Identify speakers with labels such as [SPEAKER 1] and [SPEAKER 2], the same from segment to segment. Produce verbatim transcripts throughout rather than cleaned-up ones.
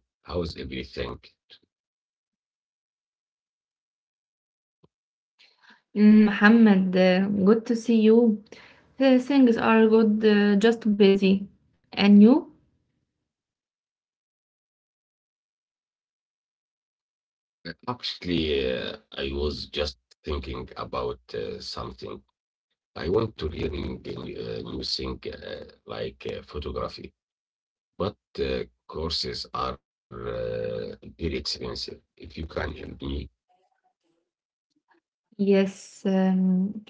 [SPEAKER 1] Hi, Shah. Long time. How's everything?
[SPEAKER 2] Mm, Mohammed, uh, good to see you. Uh, Things are good, uh, just busy. And you?
[SPEAKER 1] Actually, uh, I was just thinking about uh, something. I want to learn a new uh, thing uh, like uh, photography, but uh, courses are uh, very expensive. If you can help me
[SPEAKER 2] Yes, um,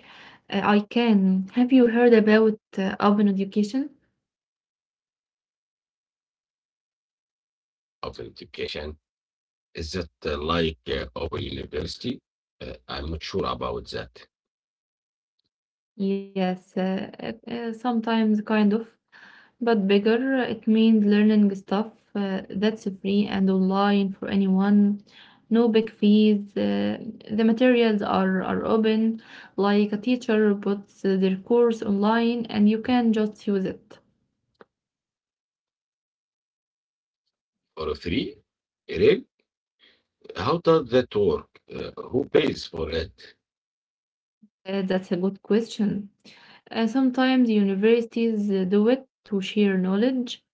[SPEAKER 2] uh, I can. Have you heard about uh, open education?
[SPEAKER 1] of education, is it uh, like uh, open university? Uh, I'm not sure about that.
[SPEAKER 2] Yes, uh, uh, uh, sometimes kind of. But bigger, it means learning stuff uh, that's free and online for anyone. No big fees. Uh, the materials are, are open, like a teacher puts uh, their course online and you can just use it.
[SPEAKER 1] For free? Really? How does that work? Uh, who pays for it?
[SPEAKER 2] Uh, that's a good question. Uh, sometimes universities uh, do it to share knowledge.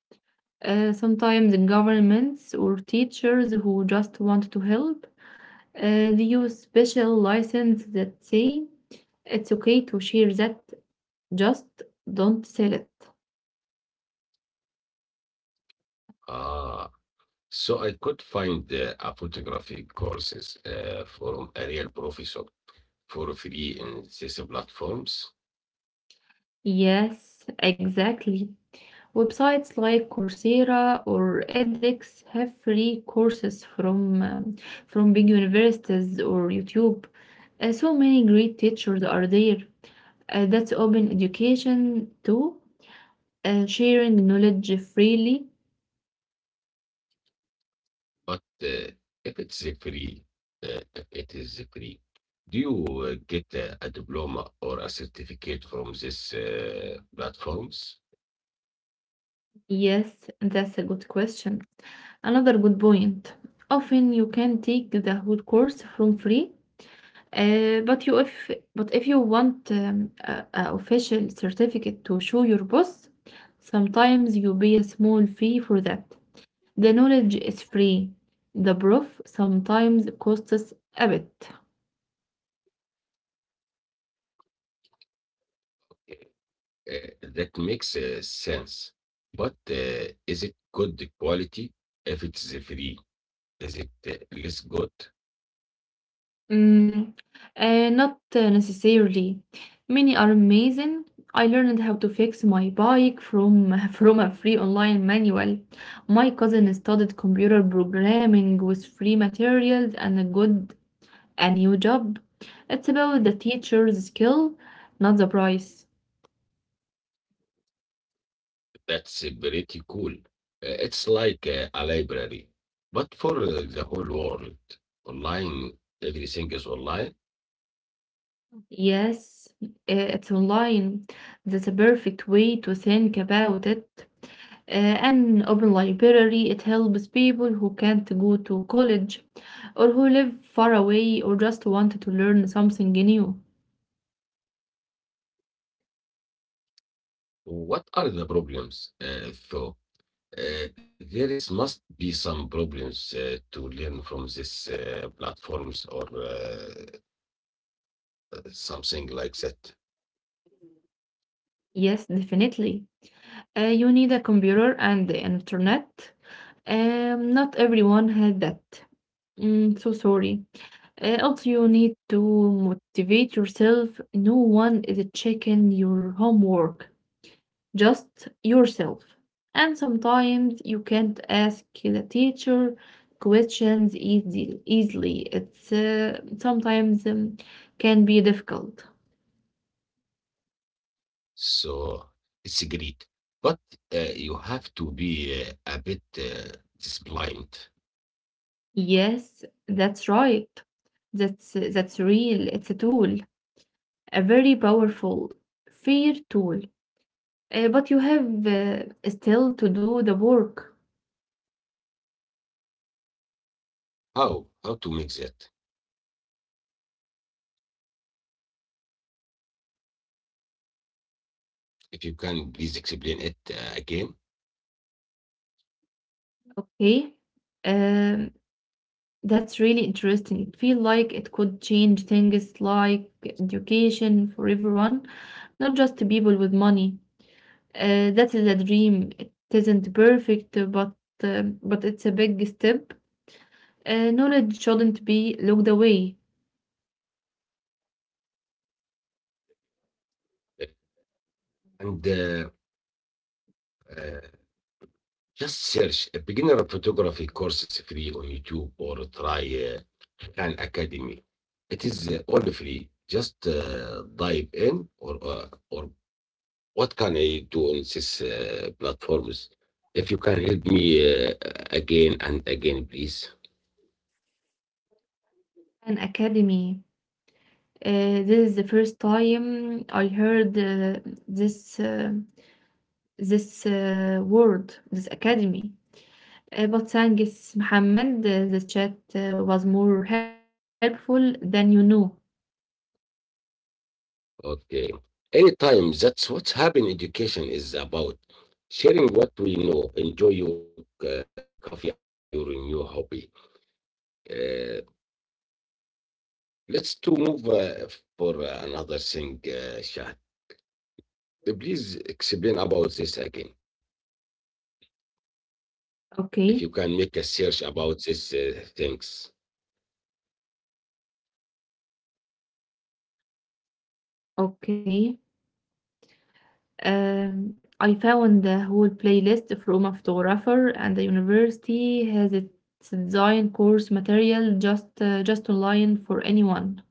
[SPEAKER 2] Uh, sometimes governments or teachers who just want to help. Uh, do you special license that say it's okay to share that, just don't sell it?
[SPEAKER 1] Ah. So I could find uh, a photography courses uh, from a real professor for free in these platforms.
[SPEAKER 2] Yes, exactly. Websites like Coursera or edX have free courses from um, from big universities or YouTube. Uh, so many great teachers are there. Uh, that's open education too, uh, sharing knowledge freely.
[SPEAKER 1] But uh, if it's free, uh, if it is free, do you uh, get uh, a diploma or a certificate from these uh, platforms?
[SPEAKER 2] Yes, that's a good question. Another good point. Often you can take the whole course from free, uh, but you if but if you want um, a, a official certificate to show your boss, sometimes you pay a small fee for that. The knowledge is free. The proof sometimes costs a bit.
[SPEAKER 1] Uh, that makes uh, sense. But uh, is it good quality? If it's free, is it uh, less good?
[SPEAKER 2] Mm, uh, not uh, necessarily. Many are amazing. I learned how to fix my bike from from a free online manual. My cousin studied computer programming with free materials and a good a new job. It's about the teacher's skill, not the price.
[SPEAKER 1] That's uh, pretty cool. Uh, It's like uh, a library, but for uh, the whole world. Online, everything is online.
[SPEAKER 2] Yes, uh, it's online. That's a perfect way to think about it. Uh, an open library, it helps people who can't go to college or who live far away or just want to learn something new.
[SPEAKER 1] What are the problems, uh, though? Uh, there is must be some problems uh, to learn from these uh, platforms or uh, something like that.
[SPEAKER 2] Yes, definitely. Uh, you need a computer and the internet. Um, not everyone had that. Mm, so sorry. Uh, also, you need to motivate yourself. No one is checking your homework. just yourself. And sometimes you can't ask the teacher questions easy, easily. It's uh, sometimes um, can be difficult.
[SPEAKER 1] So it's great. But uh, you have to be uh, a bit uh, disciplined.
[SPEAKER 2] Yes, that's right. That's that's real. It's a tool, a very powerful fear tool. Uh, but you have uh, still to do the work.
[SPEAKER 1] How? How to make that? If you can, please explain it uh, again.
[SPEAKER 2] Okay. Um, That's really interesting. It feels like it could change things like education for everyone, not just to people with money. Uh, that is a dream. It isn't perfect, uh, but um but it's a big step. Uh, knowledge shouldn't be looked away.
[SPEAKER 1] And uh, uh, just search a beginner photography courses free on YouTube or try uh, Khan Academy. It is uh, all free. Just uh, dive in or uh, or what can I do on these uh, platforms? If you can help me uh, again and again, please.
[SPEAKER 2] An academy. Uh, this is the first time I heard uh, this uh, this uh, word, this academy. Uh, but thanks, Mohammed. uh, the chat uh, was more helpful than you know.
[SPEAKER 1] Okay. Anytime, that's what's happening. Education is about sharing what we know. Enjoy your uh, coffee and your new hobby. Uh, Let's to move uh, for uh, another thing, uh, Shah. Uh, Please explain about this again. If you can
[SPEAKER 2] Okay,
[SPEAKER 1] make a search about these uh, things,
[SPEAKER 2] okay. Um, I found the whole playlist from a photographer, and the university has its design course material just uh, just online for anyone.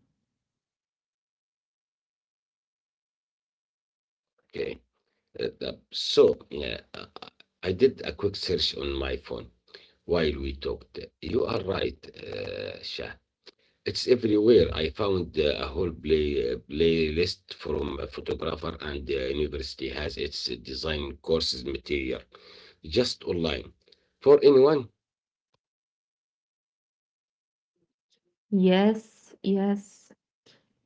[SPEAKER 1] okay. Uh, the- so yeah, uh, I did a quick search on my phone while we talked. You are right, uh, Shah. It's everywhere. I found uh, a whole play, uh, playlist from a photographer, and the university has its design courses material just online for anyone.
[SPEAKER 2] Yes, yes.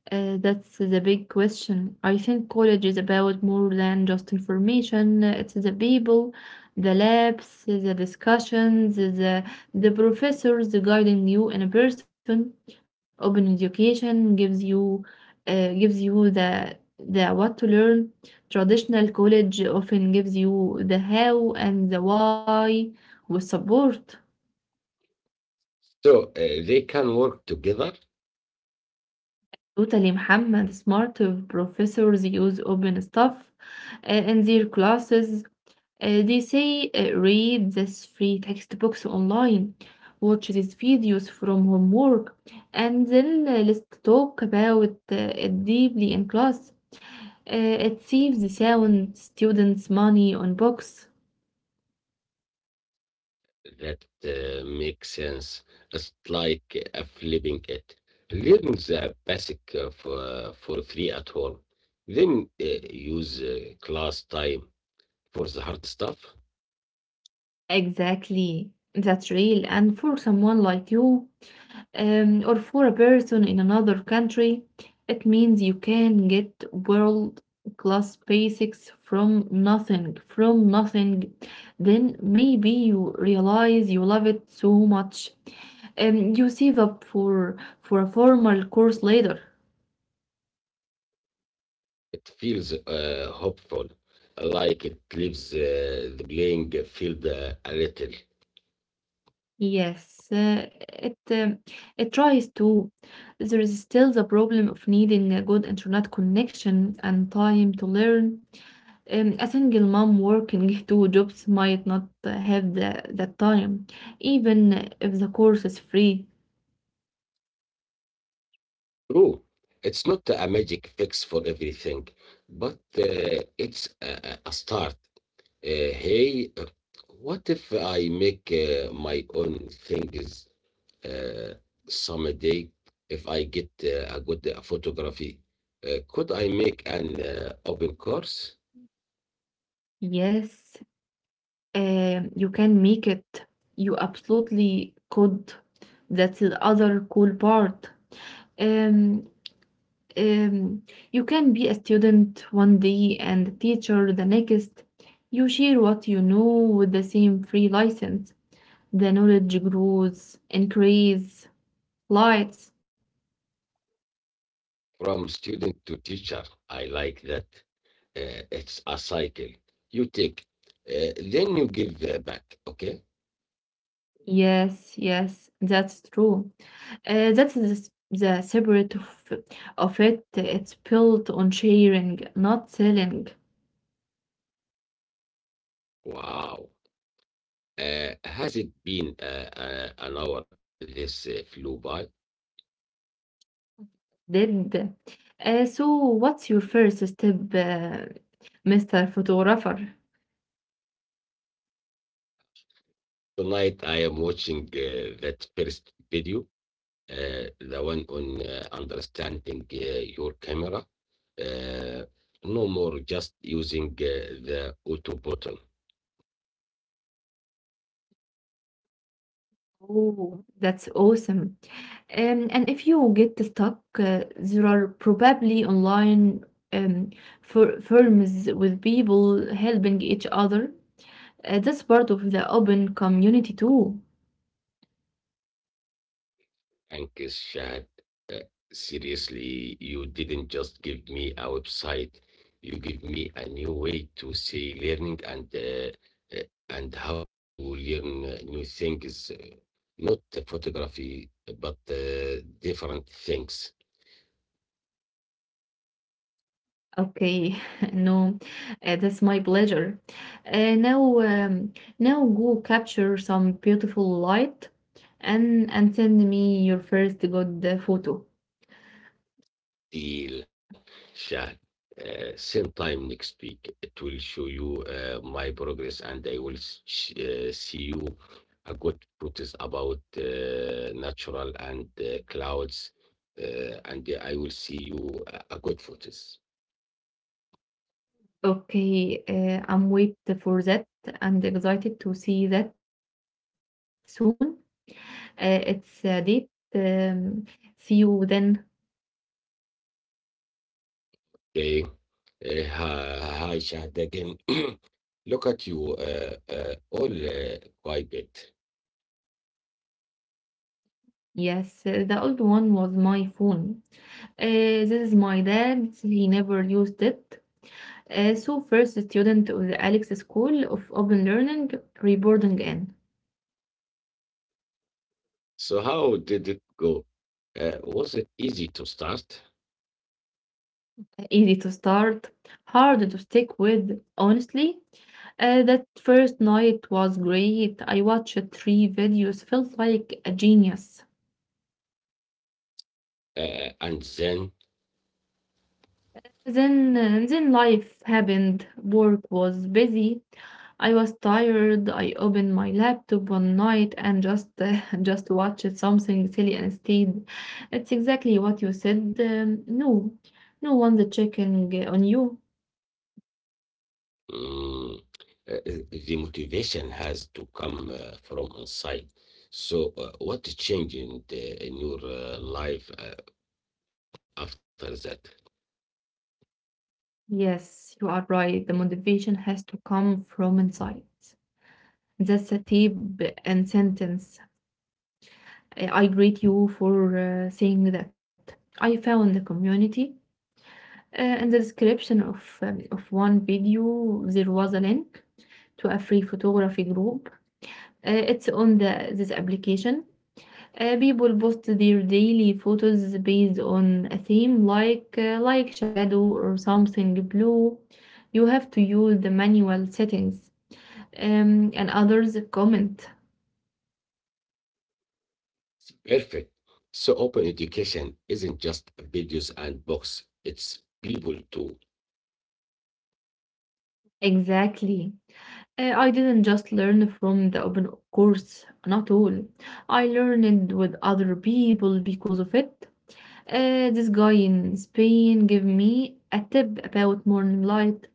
[SPEAKER 2] Uh, that's the big question. I think college is about more than just information. It's the people, the labs, the discussions, the the professors guiding you in person. Open education gives you uh, gives you the the what to learn. Traditional college often gives you the how and the why with support.
[SPEAKER 1] So uh, they can work together.
[SPEAKER 2] Totally, Muhammad. Smart professors use OpenStuff uh, in their classes. Uh, they say, uh, read these free textbooks online, watch these videos from homework, and then uh, let's talk about uh, it deeply in class. Uh, it saves the sound students money on books.
[SPEAKER 1] That uh, makes sense. It's like uh, flipping it. Learn the basic uh, for, for free at home. Then uh, use uh, class time for the hard stuff.
[SPEAKER 2] Exactly. That's real. And for someone like you, um, or for a person in another country, it means you can get world class basics from nothing, from nothing. Then maybe you realize you love it so much, and you save up for for a formal course later.
[SPEAKER 1] It feels uh, hopeful, like it leaves uh, the playing field uh, a little.
[SPEAKER 2] Yes, uh, it um, it tries to. There is still the problem of needing a good internet connection and time to learn. um, a single mom working two jobs might not uh, have the, that time, even if the course is free.
[SPEAKER 1] True, it's not a magic fix for everything, but uh, it's a, a a start. Uh, hey, uh, what if I make uh, my own things uh, someday? If I get uh, a good uh, photography, uh, could I make an uh, open course
[SPEAKER 2] Yes, uh, you can make it. You absolutely could. That's the other cool part. Um, um, you can be a student one day and a teacher the next. You share what you know with the same free license. The knowledge grows, increase, lights.
[SPEAKER 1] from student to teacher? I like that. Uh, it's a cycle. You take, uh, then you give uh, back. Okay.
[SPEAKER 2] Yes, yes, that's true. Uh, that's the, s- the separate of, of it. It's built on sharing, not selling.
[SPEAKER 1] Wow. Uh, has it been uh, uh, an hour? This uh, flew by.
[SPEAKER 2] Did. Uh, so, what's your first step, uh, Mister Photographer?
[SPEAKER 1] Tonight I am watching uh, that first video, uh, the one on uh, understanding uh, your camera. Uh, no more just using uh, the auto button.
[SPEAKER 2] Oh, that's awesome. Um, and if you get stuck, uh, there are probably online um, for firms with people helping each other. Uh, that's part of the open community too.
[SPEAKER 1] Thanks, Shahad. Seriously, you didn't just give me a website. You give me a new way to see learning and uh, uh, and how to learn uh, new things. uh, Not the photography, but uh, different things.
[SPEAKER 2] Okay, no, uh, that's my pleasure. Uh, now, um, now go capture some beautiful light and and send me your first good uh, photo.
[SPEAKER 1] Deal, Shah. Uh, same time next week. It will show you uh, my progress, and I will sh- uh, see you a good protest about uh, natural and uh, clouds, uh, and I will see you a a good protest.
[SPEAKER 2] Okay, uh, I'm wait for that. I'm excited to see that soon. Uh, it's a date. Um, See you then.
[SPEAKER 1] Okay. Uh, hi, hi, Shahad again. Look at you, uh, uh, all uh, quite bit.
[SPEAKER 2] Yes, uh, the old one was my phone. Uh, this is my dad. He never used it. Uh, so first student of the Alex School of Open Learning, reboarding in.
[SPEAKER 1] So how did it go? Uh, was it easy to start?
[SPEAKER 2] Easy to start, hard to stick with, honestly. Uh, that first night was great. I watched three videos, felt like a genius.
[SPEAKER 1] Uh, and then
[SPEAKER 2] Then, uh, then life happened. Work was busy. I was tired. I opened my laptop one night and just uh, just watched something silly instead. It's exactly what you said. Um, no, no one's checking uh, on you.
[SPEAKER 1] Mm, uh, uh, the motivation has to come uh, from inside. So, uh, what changed in, the, in your uh, life uh, after that?
[SPEAKER 2] Yes, you are right. The motivation has to come from inside. That's a tip and sentence. Uh, I greet you for uh, saying that. I found the community. Uh, in the description of um, of one video, there was a link to a free photography group. Uh, it's on the this application. Uh, people post their daily photos based on a theme like uh, like shadow or something blue. You have to use the manual settings. Um, and others comment.
[SPEAKER 1] Perfect. So, open education isn't just videos and books, it's people too.
[SPEAKER 2] Exactly. Uh, I didn't just learn from the open course, not all. I learned with other people because of it. Uh, this guy in Spain gave me a tip about morning light.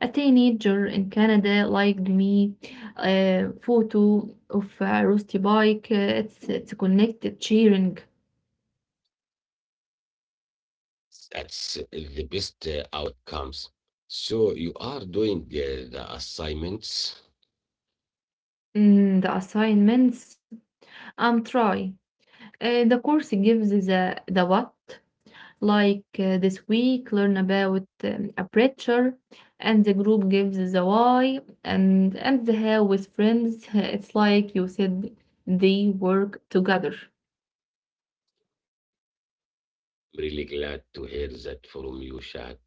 [SPEAKER 2] A teenager in Canada liked me a photo of a rusty bike. Uh, It's it's connected cheering.
[SPEAKER 1] That's the best uh, outcomes. So, you are doing uh, the assignments.
[SPEAKER 2] Mm, the assignments. I'm trying. Uh, the course gives the the what. Like uh, this week, learn about um, aperture, and the group gives the why and and the how with friends. It's like you said, they work together.
[SPEAKER 1] I'm really glad to hear that from you, Shahad.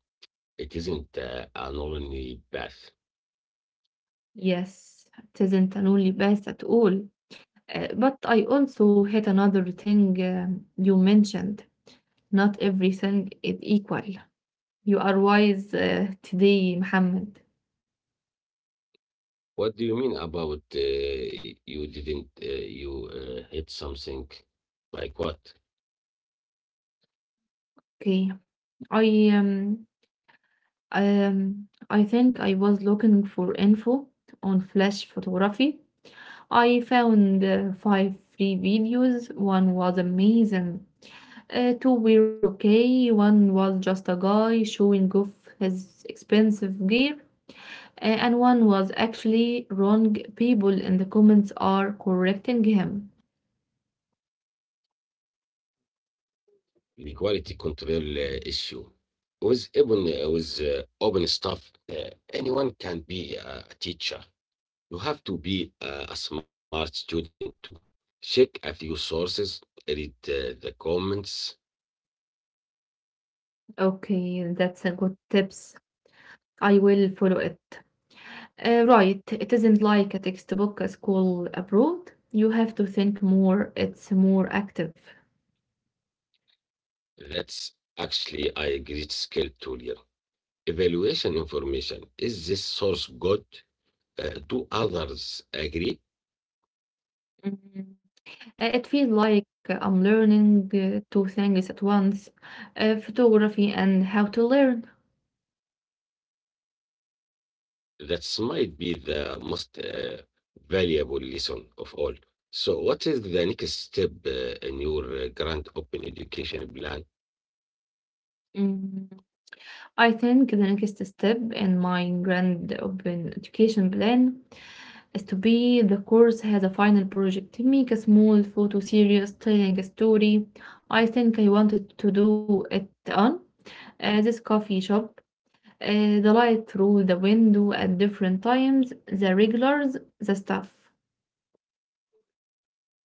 [SPEAKER 1] It isn't uh, an only path.
[SPEAKER 2] Yes, it isn't a lonely path at all. Uh, but I also hit another thing um, you mentioned. Not everything is equal. You are wise uh, today, Mohammed.
[SPEAKER 1] What do you mean about uh, you didn't uh, you uh, hit something? Like what?
[SPEAKER 2] Okay, I um Um, I think I was looking for info on flash photography. I found uh, five free videos. One was amazing. Uh, two were okay. One was just a guy showing off his expensive gear. Uh, and one was actually wrong. People in the comments are correcting him.
[SPEAKER 1] The quality control uh, issue. With even uh, with uh, open stuff, uh, anyone can be uh, a teacher. You have to be uh, a smart student too. Check a few sources, read uh, the comments.
[SPEAKER 2] Okay, that's a good tips. I will follow it. Uh, right, it isn't like a textbook, a school abroad. You have to think more, it's more active.
[SPEAKER 1] That's actually a great skill to learn. Evaluation information. Is this source good? Uh, do others agree?
[SPEAKER 2] Mm. Uh, It feels like I'm learning uh, two things at once, uh, photography and how to learn.
[SPEAKER 1] That might be the most uh, valuable lesson of all. So, what is the next step uh, in your uh, grand open education plan?
[SPEAKER 2] Mm. I think the next step in my grand open education plan is to be the course has a final project, make a small photo series telling a story. I think I wanted to do it on uh, this coffee shop uh, the light through the window at different times, the regulars, the stuff.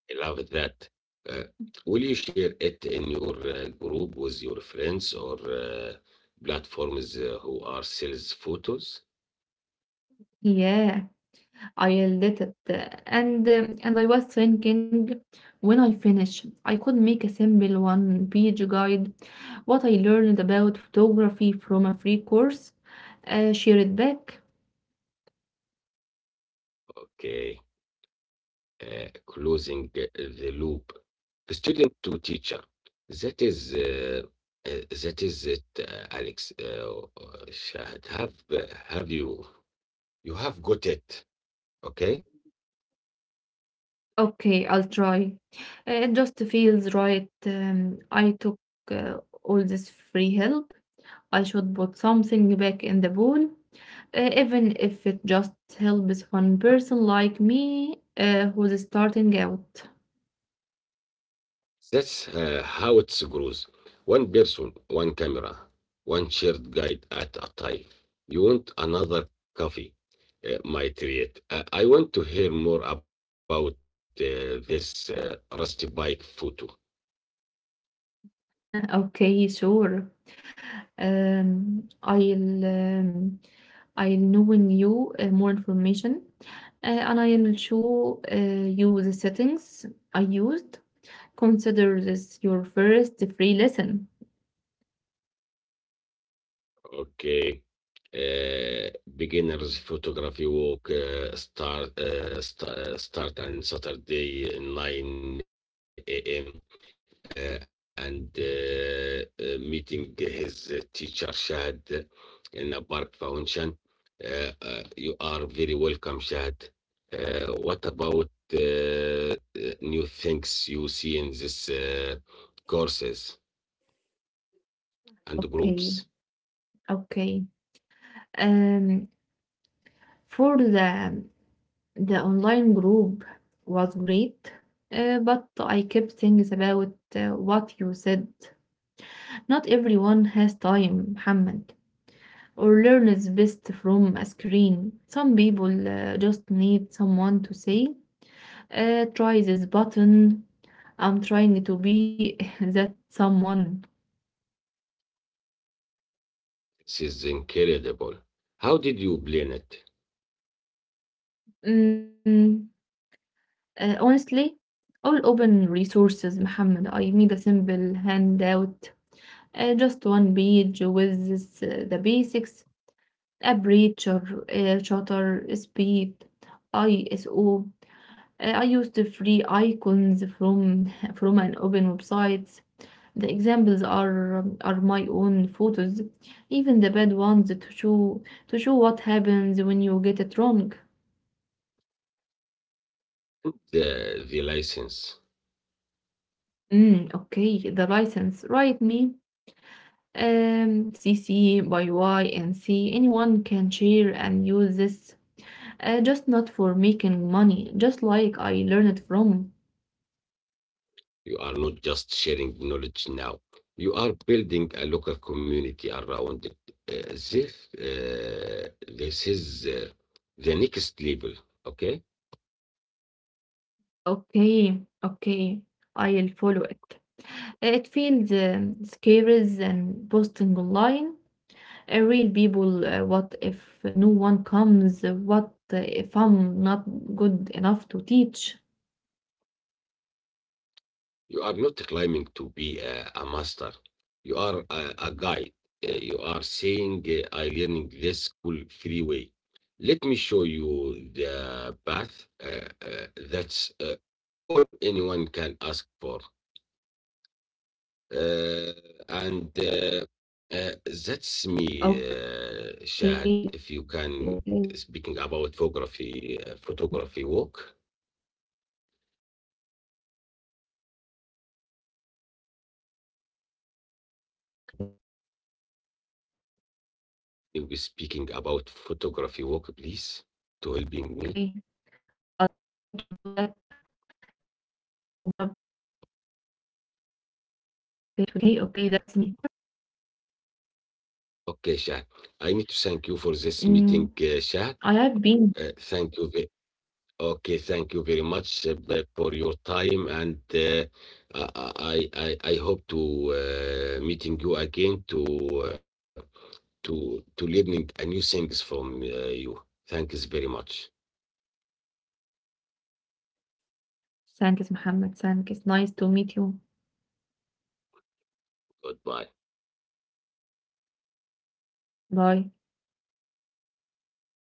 [SPEAKER 1] I love that. Uh, will you share it in your uh, group with your friends or uh, platforms uh, who are sales photos?
[SPEAKER 2] Yeah, I yelled at it. uh, And, um, and I was thinking when I finish, I could make a simple one page guide what I learned about photography from a free course, uh, share it back.
[SPEAKER 1] Okay. uh, closing the loop student to teacher. That is uh, uh, that is it, uh, Alex. Uh, Shahad, have uh, have you you have got it? Okay,
[SPEAKER 2] Okay, I'll try. Uh, It just feels right. Um, I took uh, all this free help I should put something back in the bowl, uh, even if it just helps one person like me uh, who's starting out.
[SPEAKER 1] that's uh, how it grows. One person, one camera, one shared guide at a time. You want another coffee? Uh, might create. Uh, I want to hear more about uh, this uh, rusty bike photo.
[SPEAKER 2] Okay, sure. Um, I'll um, I'll knowing you uh, more information, uh, and I'll show uh, you the settings I used. Consider this your first free lesson.
[SPEAKER 1] Okay. Uh, Beginners photography walk uh, start uh, sta- uh, start on Saturday nine a m uh, and uh, uh, meeting his uh, teacher Shahad uh, in the park fountain. Uh, uh, you are very welcome, Shahad. Uh, what about uh, uh, new things you see in this uh, courses and
[SPEAKER 2] Okay,
[SPEAKER 1] groups?
[SPEAKER 2] okay. Um, for the The online group was great, uh, but I kept things about uh, what you said. Not everyone has time, Muhammad, or learns best from a screen. Some people uh, just need someone to say, uh, try this button. I'm trying to be that someone.
[SPEAKER 1] This is incredible. How did you plan it?
[SPEAKER 2] Mm, uh, Honestly, all open resources, Muhammad. I need a simple handout uh, just one page with this, uh, the basics aperture, uh, shutter speed, I S O. Uh, I used the free icons from from an open website. The examples are are my own photos, even the bad ones to show to show what happens when you get it wrong.
[SPEAKER 1] the, the license.
[SPEAKER 2] Mm, okay, the license. Write me. Um, C C by Y and C. Anyone can share and use this. Uh, just not for making money, just like I learned from.
[SPEAKER 1] You are not just sharing knowledge now. You are building a local community around it. Uh, this, uh, this is uh, the next level, okay?
[SPEAKER 2] Okay, okay, I'll follow it. It feels um, scary than posting online. Uh, real people, uh, what if no one comes? What uh, if I'm not good enough to teach?
[SPEAKER 1] You are not claiming to be a, a master. You are a, a guide. Uh, you are saying, uh, I learning this cool free way. Let me show you the path. Uh, uh, that's uh, all anyone can ask for. Uh,
[SPEAKER 2] Okay,
[SPEAKER 1] and
[SPEAKER 2] okay,
[SPEAKER 1] uh, uh, that's me, uh, Shahad. If you can, uh, speaking about photography, uh, photography work,
[SPEAKER 2] okay, okay. I'll try to do that. Um, Sorry
[SPEAKER 1] you'll
[SPEAKER 2] to
[SPEAKER 1] be
[SPEAKER 2] interrupt,
[SPEAKER 1] speaking about
[SPEAKER 2] Muhammad.
[SPEAKER 1] photography work, please, to helping me.
[SPEAKER 2] Okay, okay, that's me. Mm,
[SPEAKER 1] Okay,
[SPEAKER 2] I
[SPEAKER 1] Shahad.
[SPEAKER 2] have
[SPEAKER 1] I
[SPEAKER 2] been
[SPEAKER 1] need to thank you for this meeting, uh, Shahad. Uh, thank you. Ve- okay, thank you very much uh, b- for your time, and uh, I, I I I hope to uh, meeting you again to. Uh, to to learning a new things from uh, you. Thanks very much.
[SPEAKER 2] Thanks, Mohammed. Thanks. Nice to meet you.
[SPEAKER 1] Goodbye.
[SPEAKER 2] Bye.